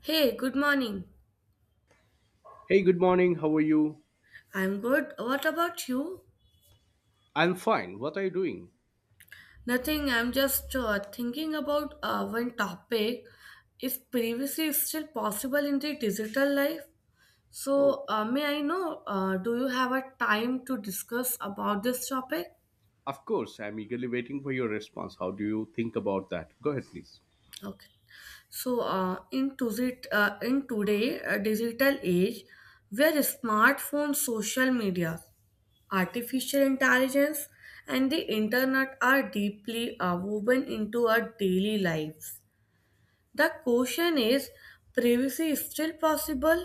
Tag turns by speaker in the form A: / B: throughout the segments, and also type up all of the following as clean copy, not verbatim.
A: Hey, good morning.
B: Hey, good morning. How are you?
A: I'm good. What about you?
B: I'm fine. What are you doing?
A: Nothing. I'm just thinking about one topic. If privacy is still possible in the digital life,
B: Oh,
A: may I know? Do you have a time to discuss about this topic?
B: of course. I'm eagerly waiting for your response. How do you think about that? Go ahead, please.
A: Okay. So in today digital age, where smartphones, social media, artificial intelligence and the internet are deeply woven into our daily lives. The question is privacy is still possible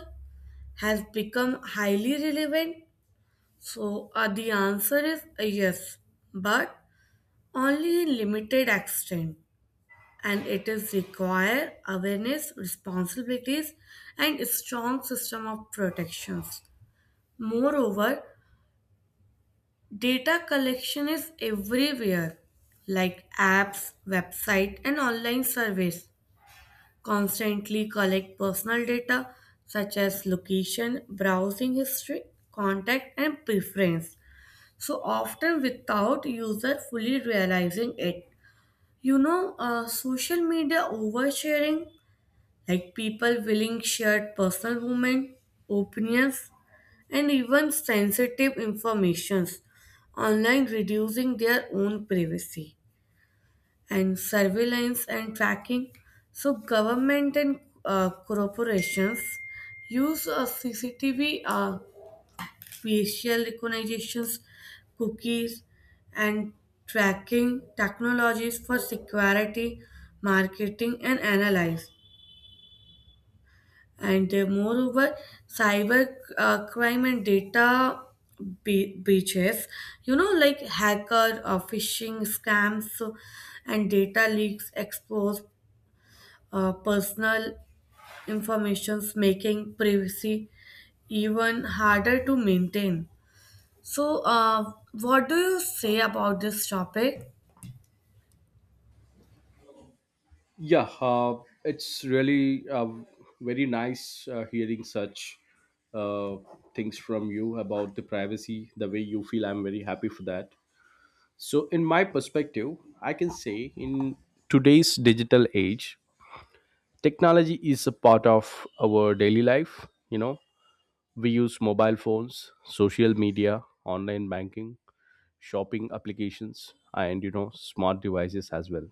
A: has become highly relevant. The answer is a yes, but only in limited extent, and it is require awareness, responsibilities and a strong system of protections. Moreover, data collection is everywhere, like apps, website, and online surveys constantly collect personal data such as location, browsing history, contact, and preference. So often without user fully realizing it. Social media oversharing, like people willing shared personal moment, opinions, and even sensitive informations online, reducing their own privacy, and surveillance and tracking. So government and corporations use CCTV, facial recognitions, cookies and tracking technologies for security, marketing and analysis. And moreover, cyber crime and data breaches, you know, like hacker or phishing scams, and data leaks expose personal informations, making privacy even harder to maintain. What do you say about this topic?
B: Yeah, it's really very nice hearing such uh, things from you about the privacy, the way you feel. I'm very happy for that. So, in my perspective, I can say in today's digital age, technology is a part of our daily life. We use mobile phones, social media, online banking, shopping applications, and smart devices as well.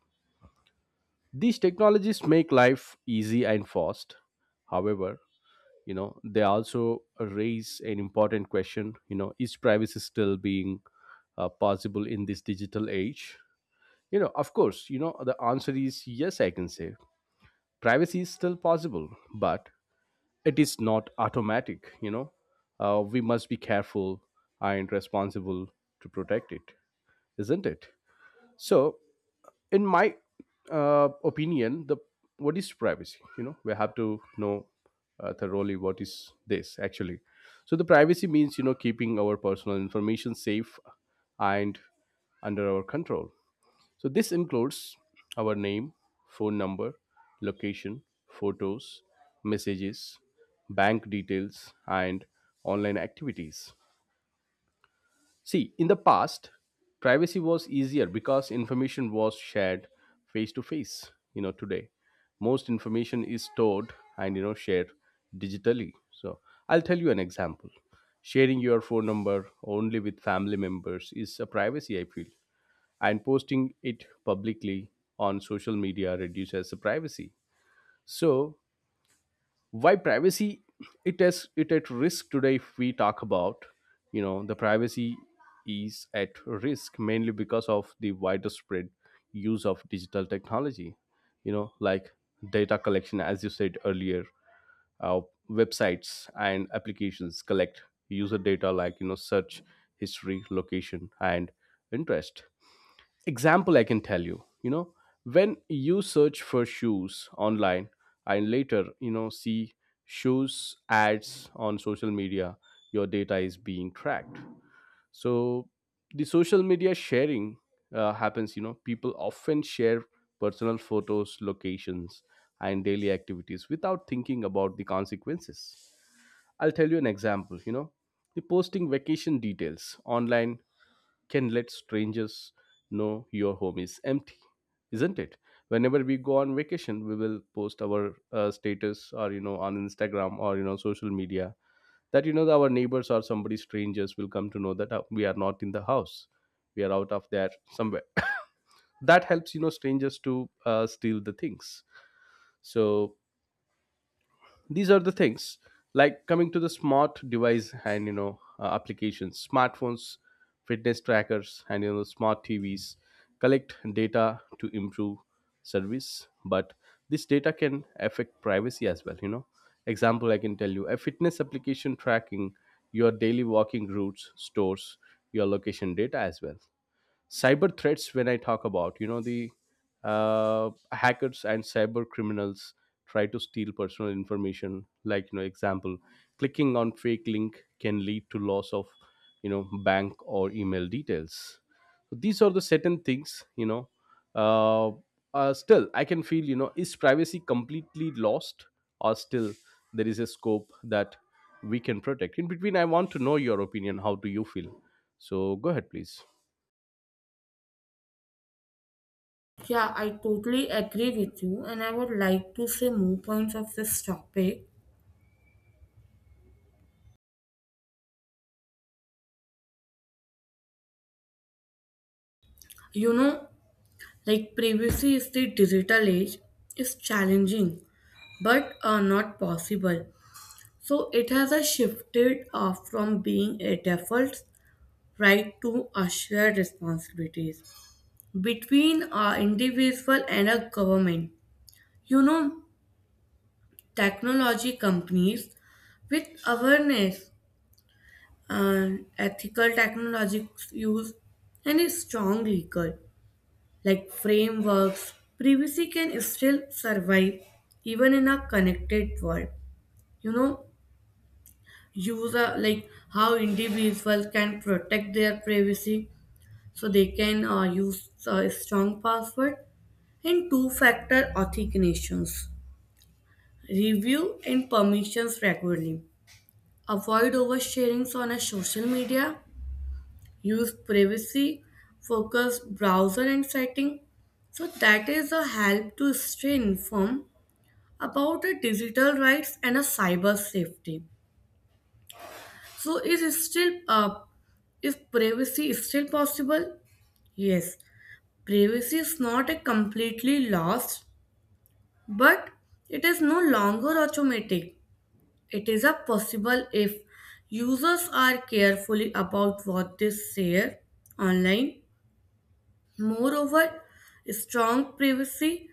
B: These technologies make life easy and fast. However, they also raise an important question. Is privacy still being possible in this digital age? Of course, the answer is yes. I can say privacy is still possible, but it is not automatic. We must be careful and responsible to protect it, isn't it? So, in my opinion, the what is privacy, we have to know thoroughly what is this actually. So, the privacy means, keeping our personal information safe and under our control. So, this includes our name, phone number, location, photos, messages, bank details, and online activities. See, in the past, privacy was easier because information was shared face to face. You know, today, most information is stored and shared digitally. So, I'll tell you an example. Sharing your phone number only with family members is a privacy, I feel, and posting it publicly on social media reduces the privacy. So, why privacy, it is it at risk today? If we talk about, the privacy is at risk mainly because of the widespread use of digital technology. Like data collection, as you said earlier, uh, websites and applications collect user data, like search history, location, and interest. Example I can tell you, you know when you search for shoes online and later see shoes ads on social media, your data is being tracked. So, the social media sharing happens. People often share personal photos, locations, and daily activities without thinking about the consequences. I'll tell you an example. The posting vacation details online can let strangers know your home is empty, isn't it? Whenever we go on vacation, we will post our status or on Instagram or social media, that our neighbors or somebody strangers will come to know that we are not in the house, we are out of there somewhere. That helps, strangers to steal the things. So, these are the things. Like, coming to the smart device and applications, smartphones, fitness trackers, and smart TVs collect data to improve service, but this data can affect privacy as well. Example I can tell you, a fitness application tracking your daily walking routes stores your location data as well. Cyber threats, when I talk about, the hackers and cyber criminals try to steal personal information. Like example, clicking on fake link can lead to loss of bank or email details. So, these are the certain things. Uh, Still I can feel, is privacy completely lost or still there is a scope that we can protect in between? I want to know your opinion. How do you feel? So, go ahead, please.
A: Yeah, I totally agree with you, and I would like to say more points of this topic. You know, like privacy is the digital age is challenging, but not possible. So it has a shifted from being a default right to a shared responsibilities between a individual and a government. You know, technology companies with awareness and ethical technologies use and a strong legal, like frameworks, privacy can still survive even in a connected world. You know, user like how individuals can protect their privacy, so they can use a strong password and two-factor authentications. Review and permissions regularly. Avoid oversharings on a social media. Use privacy focused browser and setting. So that is a help to stay informed about the digital rights and a cyber safety. So is it still uh, is privacy is still possible? Yes, privacy is not a completely lost, but it is no longer automatic. It is a possible if users are carefully about what they share online. Moreover, strong privacy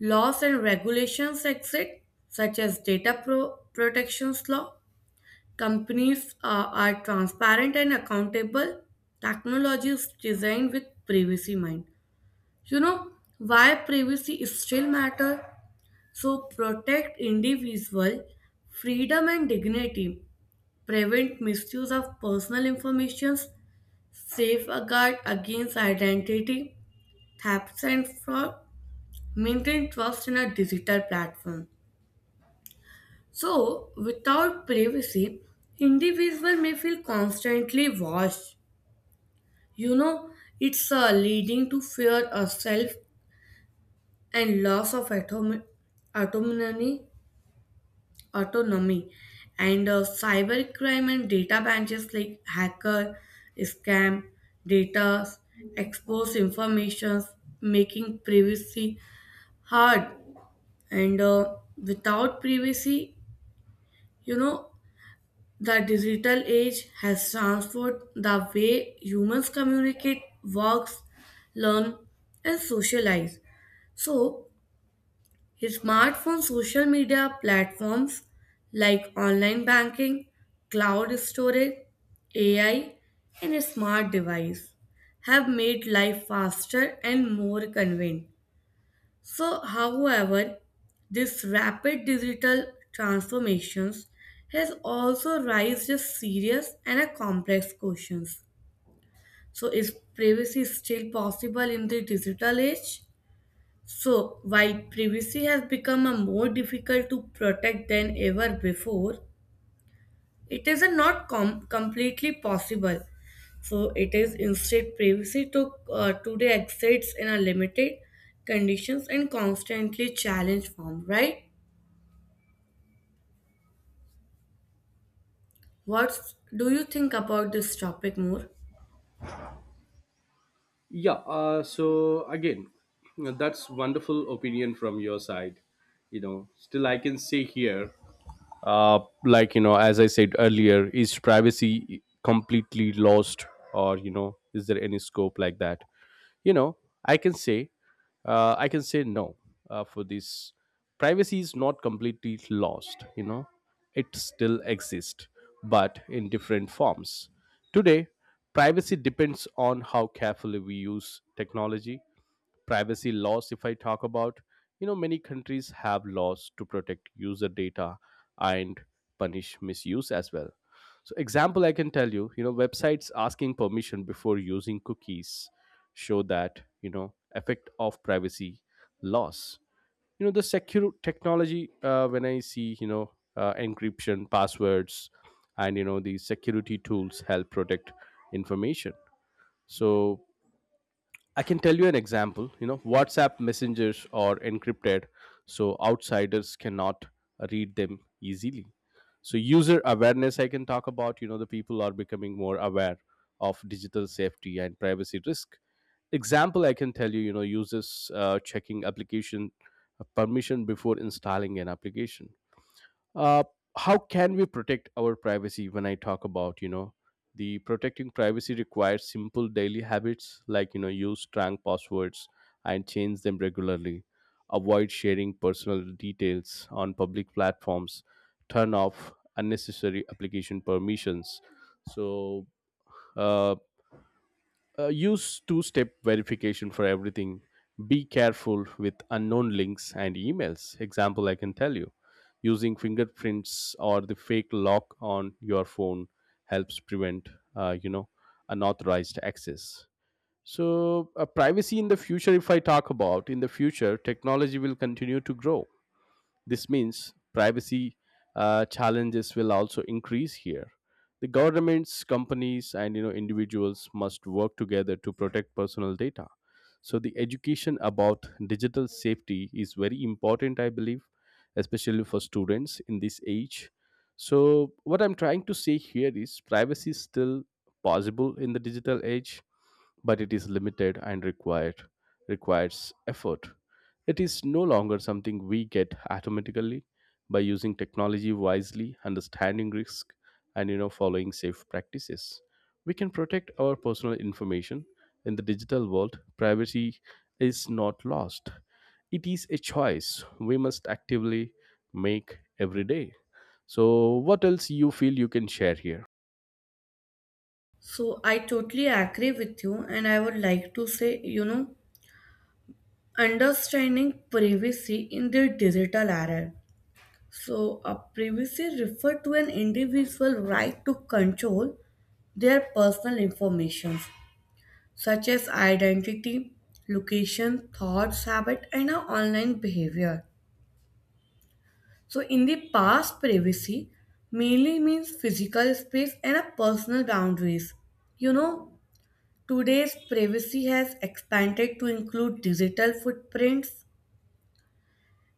A: laws and regulations exist, such as data protections law. Companies are transparent and accountable. Technology is designed with privacy mind. You know, why privacy is still matter? So protect individual freedom and dignity, prevent misuse of personal information, safeguard against identity thefts and fraud, maintain trust in a digital platform. So without privacy, individual may feel constantly watched. You know, it's leading to fear of self and loss of autonomy, autonomy, and cybercrime and data branches like hacker, scam, data, expose informations, making privacy hard. And without privacy, you know, the digital age has transformed the way humans communicate, work, learn, and socialize. So, smartphone, social media platforms like online banking, cloud storage, AI, and smart device have made life faster and more convenient. So, however, this rapid digital transformations has also raised a serious and a complex questions. So, is privacy still possible in the digital age? So, while privacy has become a more difficult to protect than ever before, it is not completely possible. So it is instead privacy to today exists in a limited conditions and constantly challenged form, right? What do you think about this topic more?
B: Yeah, so again, you know, that's wonderful opinion from your side. You know, still I can say here, like as I said earlier, is privacy completely lost or is there any scope like that? you know I can say, no, for this. Privacy is not completely lost. It still exists, but in different forms today. Privacy depends on how carefully we use technology. Privacy laws, if I talk about, many countries have laws to protect user data and punish misuse as well. So, example I can tell you, you know websites asking permission before using cookies show that, effect of privacy loss. The secure technology, when I see, encryption, passwords, and the security tools help protect information. So, I can tell you an example. You know, WhatsApp messengers are encrypted, so outsiders cannot read them easily. So, user awareness, I can talk about. You know, the people are becoming more aware of digital safety and privacy risk. Example, I can tell you. You know, users checking application permission before installing an application. uh, how can we protect our privacy, when I talk about? The protecting privacy requires simple daily habits, like use strong passwords and change them regularly, avoid sharing personal details on public platforms, turn off unnecessary application permissions. So, uh, use two step verification for everything. Be careful with unknown links and emails. Example I can tell you, using fingerprints or the fake lock on your phone helps prevent, uh, you know, unauthorized access. So, privacy in the future, if I talk about, in the future technology will continue to grow. This means privacy challenges will also increase here. The governments, companies, and individuals must work together to protect personal data. So, the education about digital safety is very important, I believe, especially for students in this age. So, what I'm trying to say here is, privacy is still possible in the digital age, but it is limited and required requires effort. It is no longer something we get automatically. By using technology wisely, understanding risk, and following safe practices, we can protect our personal information in the digital world. Privacy is not lost. It is a choice we must actively make every day. So, what else you feel you can share here?
A: So I totally agree with you, and I would like to say, you know, understanding privacy in the digital era. So a privacy refer to an individual right to control their personal information such as identity, location, thoughts, habit, and our online behavior. So, in the past, privacy mainly means physical space and our personal boundaries. You know, today's privacy has expanded to include digital footprints,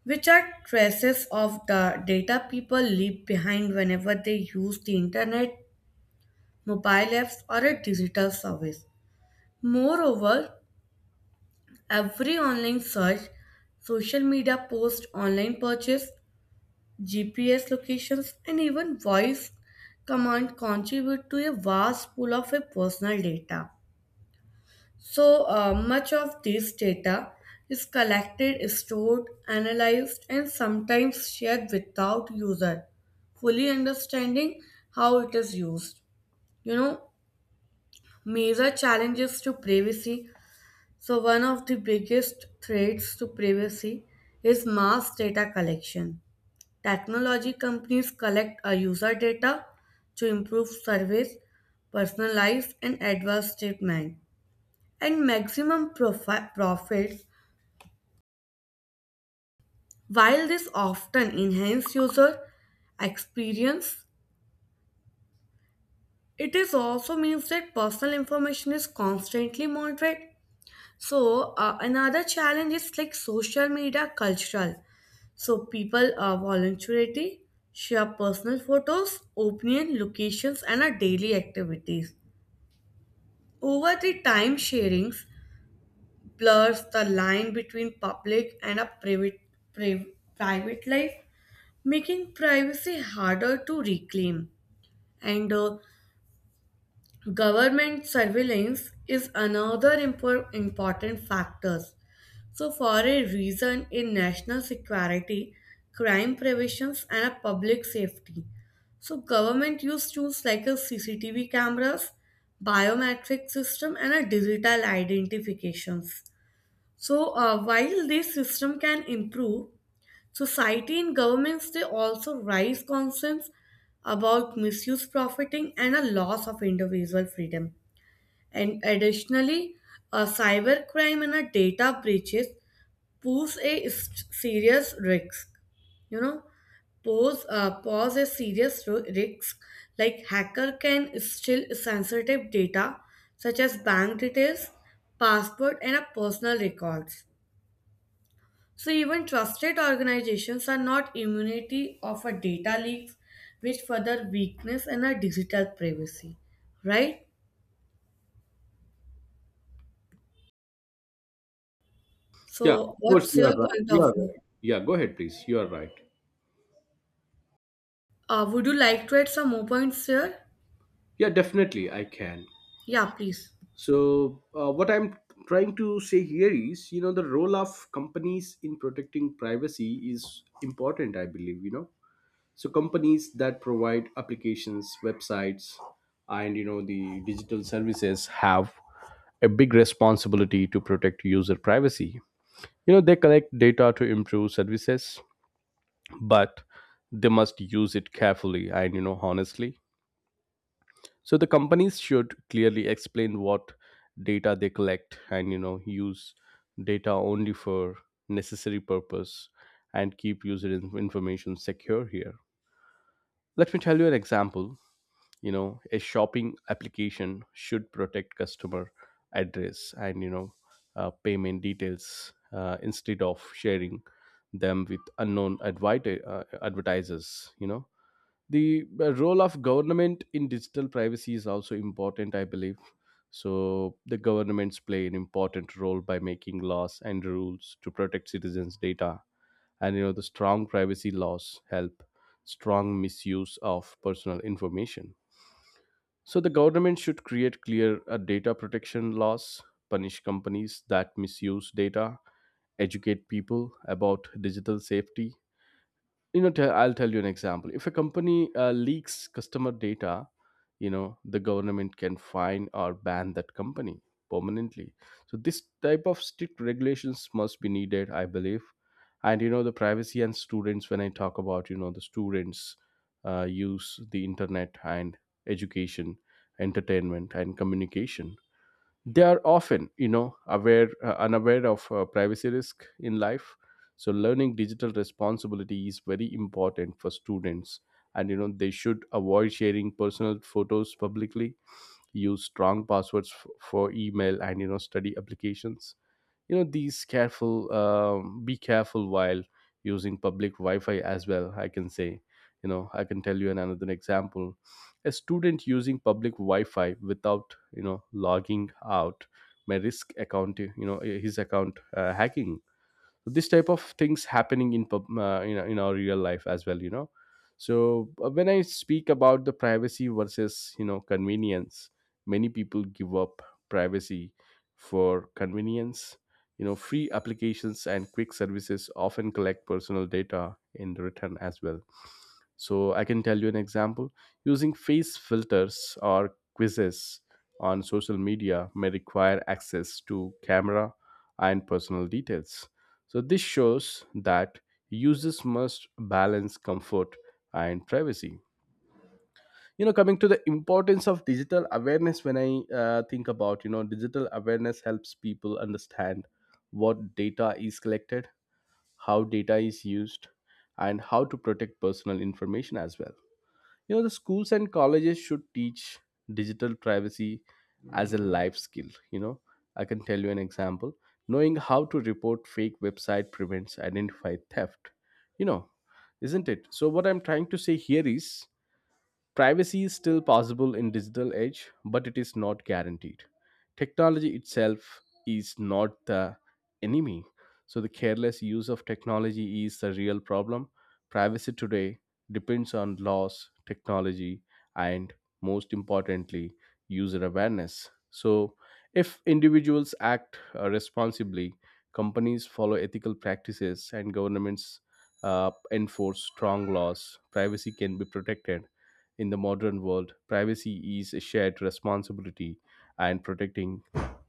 A: which are traces of the data people leave behind whenever they use the internet, mobile apps, or a digital service. Moreover, every online search, social media post, online purchase, GPS locations, and even voice command contribute to a vast pool of a personal data. Much of this data is collected, stored, analyzed, and sometimes shared without user fully understanding how it is used. You know, major challenges to privacy. So, one of the biggest threats to privacy is mass data collection. Technology companies collect our user data to improve service, personalize, and adverse treatment, and maximum profits. While this often enhances user experience, it is also means that personal information is constantly monitored. Another challenge is like social media cultural. So people are voluntarily share personal photos, opinion, locations, and our daily activities. Over the time, sharings blurs the line between public and a private private life, making privacy harder to reclaim. And government surveillance is another important factor. So, for a reason in national security, crime preventions, and a public safety. So, government use tools like a CCTV cameras, biometric system, and a digital identifications. So, while this system can improve, society and governments, they also raise concerns about misuse, profiting, and a loss of individual freedom. And additionally, cybercrime and data breaches pose a serious risk. You know, pose a serious risk. Like hacker can steal sensitive data such as bank details, passport, and a personal records. So even trusted organizations are not immunity of a data leaks, which further weakness in our digital privacy. Right?
B: Yeah, of
A: So
B: course,
A: what's
B: you
A: your
B: are right.
A: point
B: You
A: of
B: are
A: view?
B: right. Yeah, go ahead, please. You are right.
A: Would you like to add some more points here?
B: Yeah, definitely, I can.
A: Yeah, please.
B: So, what I'm trying to say here is, you know, the role of companies in protecting privacy is important, I believe, you know. So, companies that provide applications, websites, and, you know, the digital services have a big responsibility to protect user privacy. You know, they collect data to improve services, but they must use it carefully and, you know, honestly. So, the companies should clearly explain what data they collect and use data only for necessary purpose and keep user information secure here. Let me tell you an example. A shopping application should protect customer address and payment details, instead of sharing them with unknown advertisers. The role of government in digital privacy is also important, I believe. So, the governments play an important role by making laws and rules to protect citizens data. And the strong privacy laws help strong misuse of personal information. So, the government should create clear data protection laws, punish companies that misuse data, educate people about digital safety. I'll tell you an example. If a company leaks customer data, the government can fine or ban that company permanently. So, this type of strict regulations must be needed, I believe. And the privacy and students, when I talk about, the students use the internet and education, entertainment, and communication. They are often you know aware unaware of privacy risk in life. So, learning digital responsibility is very important for students. And they should avoid sharing personal photos publicly, use strong passwords for email and study applications. You know these careful Be careful while using public wi-fi as well, I can say. I can tell you another example. A student using public wi-fi without logging out may risk account, his account hacking. So, this type of things happening in in our real life as well, you know. So, when I speak about the privacy versus convenience, many people give up privacy for convenience. Free applications and quick services often collect personal data in return as well. So, I can tell you an example. Using face filters or quizzes on social media may require access to camera and personal details. So, this shows that users must balance comfort and privacy. You know, coming to the importance of digital awareness, when I think about, you know, digital awareness helps people understand what data is collected, how data is used, and how to protect personal information as well. You know, the schools and colleges should teach digital privacy as a life skill. I can tell you an example. Knowing how to report fake website prevents identify theft. You know, isn't it? So what I'm trying to say here is privacy is still possible in digital age, but it is not guaranteed. Technology itself is not the enemy. So the careless use of technology is the real problem. Privacy today depends on laws, technology, and most importantly, user awareness. So if individuals act responsibly, companies follow ethical practices, and governments enforce strong laws, privacy can be protected in the modern world. Privacy is a shared responsibility, and protecting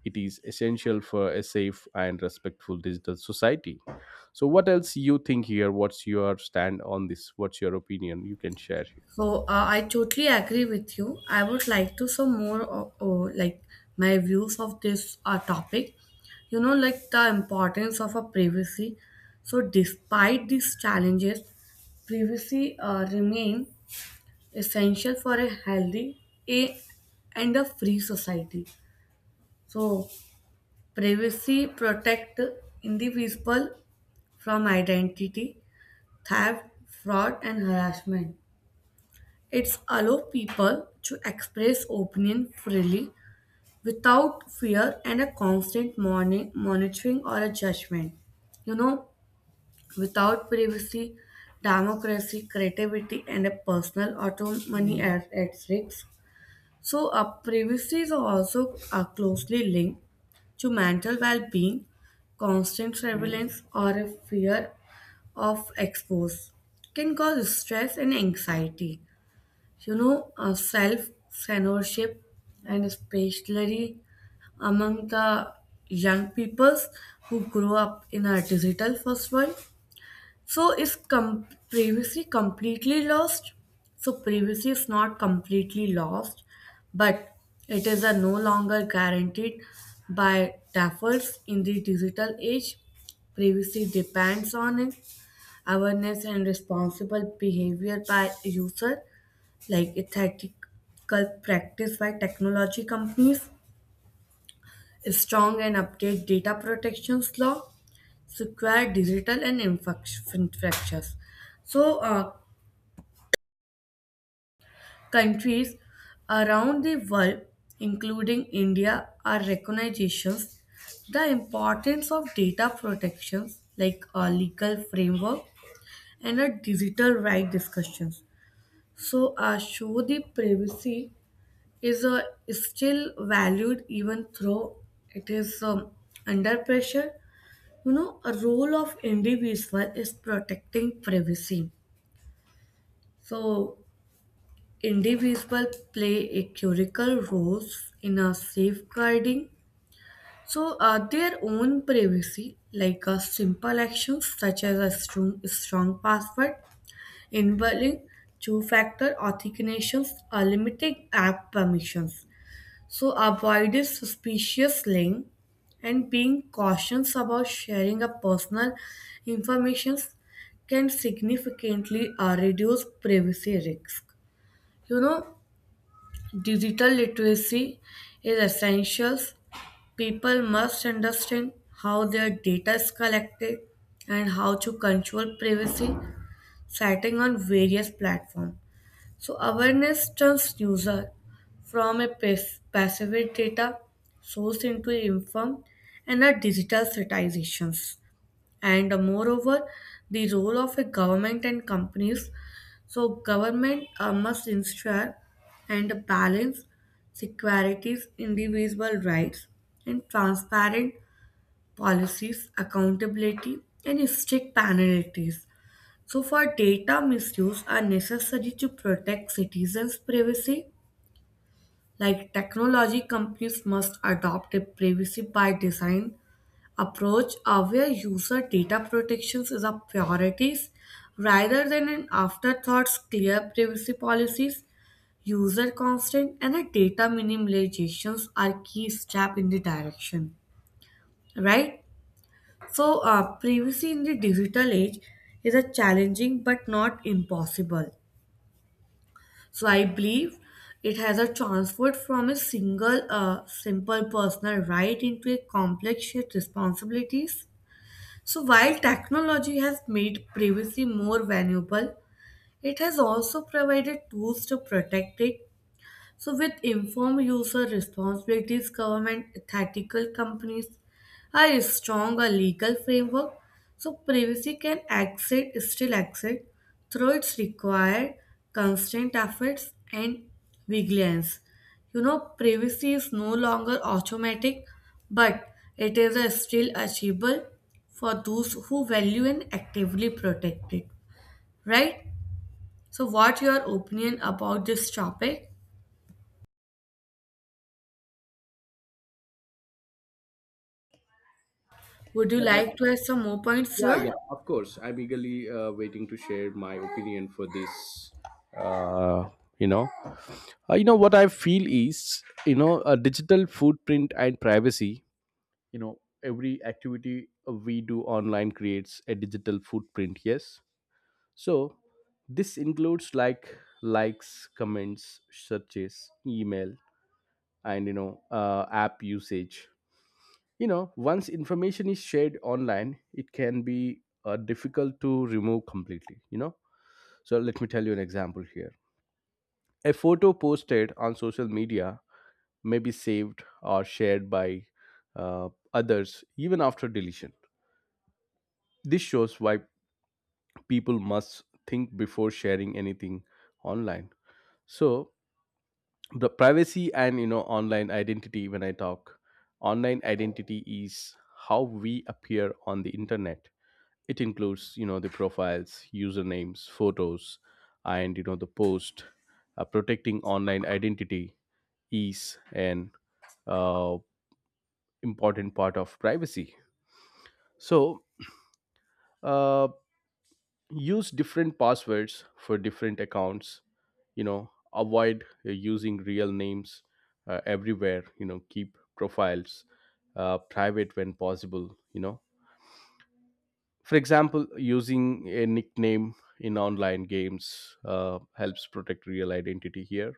B: it is essential for a safe and respectful digital society. So, what else you think here? What's your stand on this? What's your opinion? You can share here.
A: I totally agree with you. I would like to some more of, oh, like my views of this topic. You know, like the importance of a privacy. So despite these challenges, privacy remain essential for a healthy a and a free society. So privacy protect individual from identity, theft, fraud, and harassment. It's allow people to express opinion freely without fear and a constant morning monitoring or a judgment. You know, without privacy, democracy, creativity, and a personal autonomy are at risk. So, privacy is also closely linked to mental well-being, constant surveillance, or a fear of expose can cause stress and anxiety, you know, self censorship and especially among the young peoples who grow up in a digital first world. So is privacy completely lost? So privacy is not completely lost, but it is a no longer guaranteed by defaults in the digital age. Privacy depends on it, awareness and responsible behavior by user like it's ethical practice by technology companies, strong and update data protections law, secure digital and infrastructures. So, countries around the world, including India, are recognitions the importance of data protections like a legal framework and a digital right discussions, show the privacy is still valued even though it is under pressure. You know, a role of individual is protecting privacy. So, individual play a critical roles in a safeguarding, their own privacy, like simple actions such as a strong password, involving two-factor authentications, or limiting app permissions. So avoided suspicious link and being cautious about sharing a personal information can significantly reduce privacy risk. You know, digital literacy is essential. People must understand how their data is collected and how to control privacy setting on various platforms. So awareness turns user from a passive data source into a informed and a digital citizens. And moreover, the role of a government and companies. So government must ensure and balance securities, individual rights, and transparent policies, accountability, and strict penalties. So, for data misuse are necessary to protect citizens' privacy, like technology companies must adopt a privacy by design approach, where user data protections is a priorities rather than an afterthoughts, clear privacy policies, user consent and a data minimizations are key step in the direction, right? Privacy in the digital age is a challenging but not impossible. So I believe it has a transferred from a simple personal right into a complex shared responsibilities. So while technology has made privacy more valuable, it has also provided tools to protect it, so, with informed user responsibilities, government, ethical companies are a stronger legal framework. So, privacy can exit, still exit through its required constant efforts and vigilance. You know, privacy is no longer automatic, but it is a still achievable for those who value and actively protect it. Right? So, what your opinion about this topic? Would you
B: Yeah, that-
A: like to add some more points,
B: Yeah,
A: sir?
B: yeah, of course. I'm eagerly waiting to share my opinion for this. Uh, you know, you know what I feel is, a digital footprint and privacy. Every activity we do online creates a digital footprint. Yes, so this includes like likes, comments, searches, email, and app usage. Once information is shared online, it can be difficult to remove completely. So let me tell you an example here. A photo posted on social media may be saved or shared by uh, others even after deletion. This shows why people must think before sharing anything online. So the privacy and online identity, when I talk, online identity is how we appear on the internet. It includes the profiles, usernames, photos, and the post. Protecting online identity is an uh, important part of privacy. So uh, use different passwords for different accounts you know Avoid using real names everywhere. Keep profiles private when possible. For example, using a nickname in online games helps protect real identity here.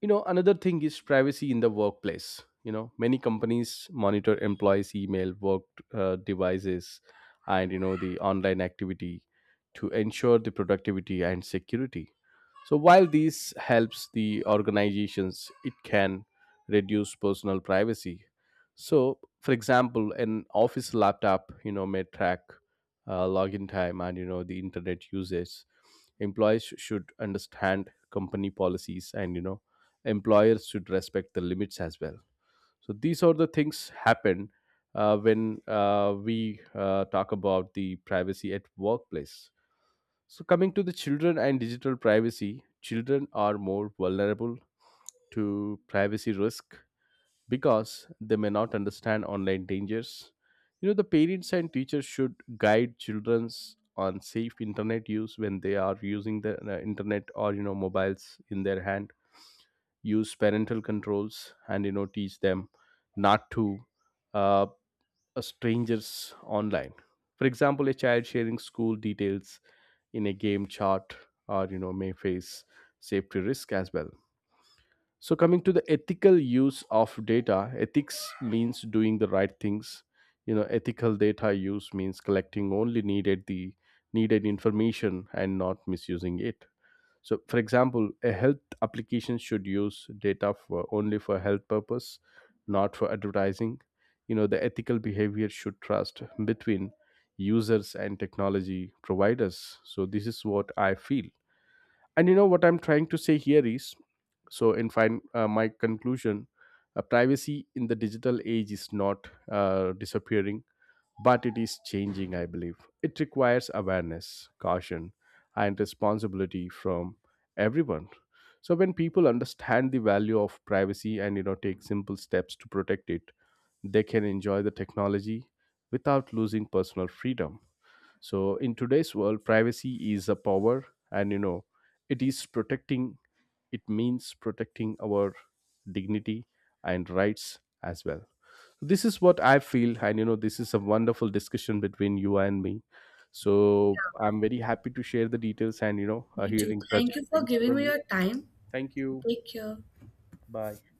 B: Another thing is privacy in the workplace. Many companies monitor employees email, work devices, and the online activity to ensure the productivity and security. So while this helps the organizations, it can reduce personal privacy. So for example, an office laptop may track login time and the internet usage. Employees should understand company policies, and employers should respect the limits as well. So these are the things happen when we talk about the privacy at workplace. So coming to the children and digital privacy, children are more vulnerable to privacy risk because they may not understand online dangers. The parents and teachers should guide children's on safe internet use when they are using the internet or mobiles in their hand. Use parental controls and teach them not to uh, strangers online. For example, a child sharing school details in a game chat or may face safety risk as well. So coming to the ethical use of data, ethics means doing the right things. Ethical data use means collecting only needed the needed information and not misusing it. So, for example, a health application should use data for only for health purpose, not for advertising. You know, the ethical behavior should trust between users and technology providers. So, this is what I feel. And you know what I'm trying to say here is, so in fine, my conclusion, privacy in the digital age is not disappearing, but it is changing, I believe. It requires awareness, caution, and responsibility from everyone. So when people understand the value of privacy and take simple steps to protect it, they can enjoy the technology without losing personal freedom. So in today's world, privacy is a power, and it is protecting it means protecting our dignity and rights as well. So, this is what I feel, and this is a wonderful discussion between you and me. So I'm very happy to share the details, and
A: Me too.
B: hearing such
A: Thank you for
B: things
A: giving
B: from
A: me
B: you.
A: your time.
B: Thank you.
A: Take care.
B: Bye.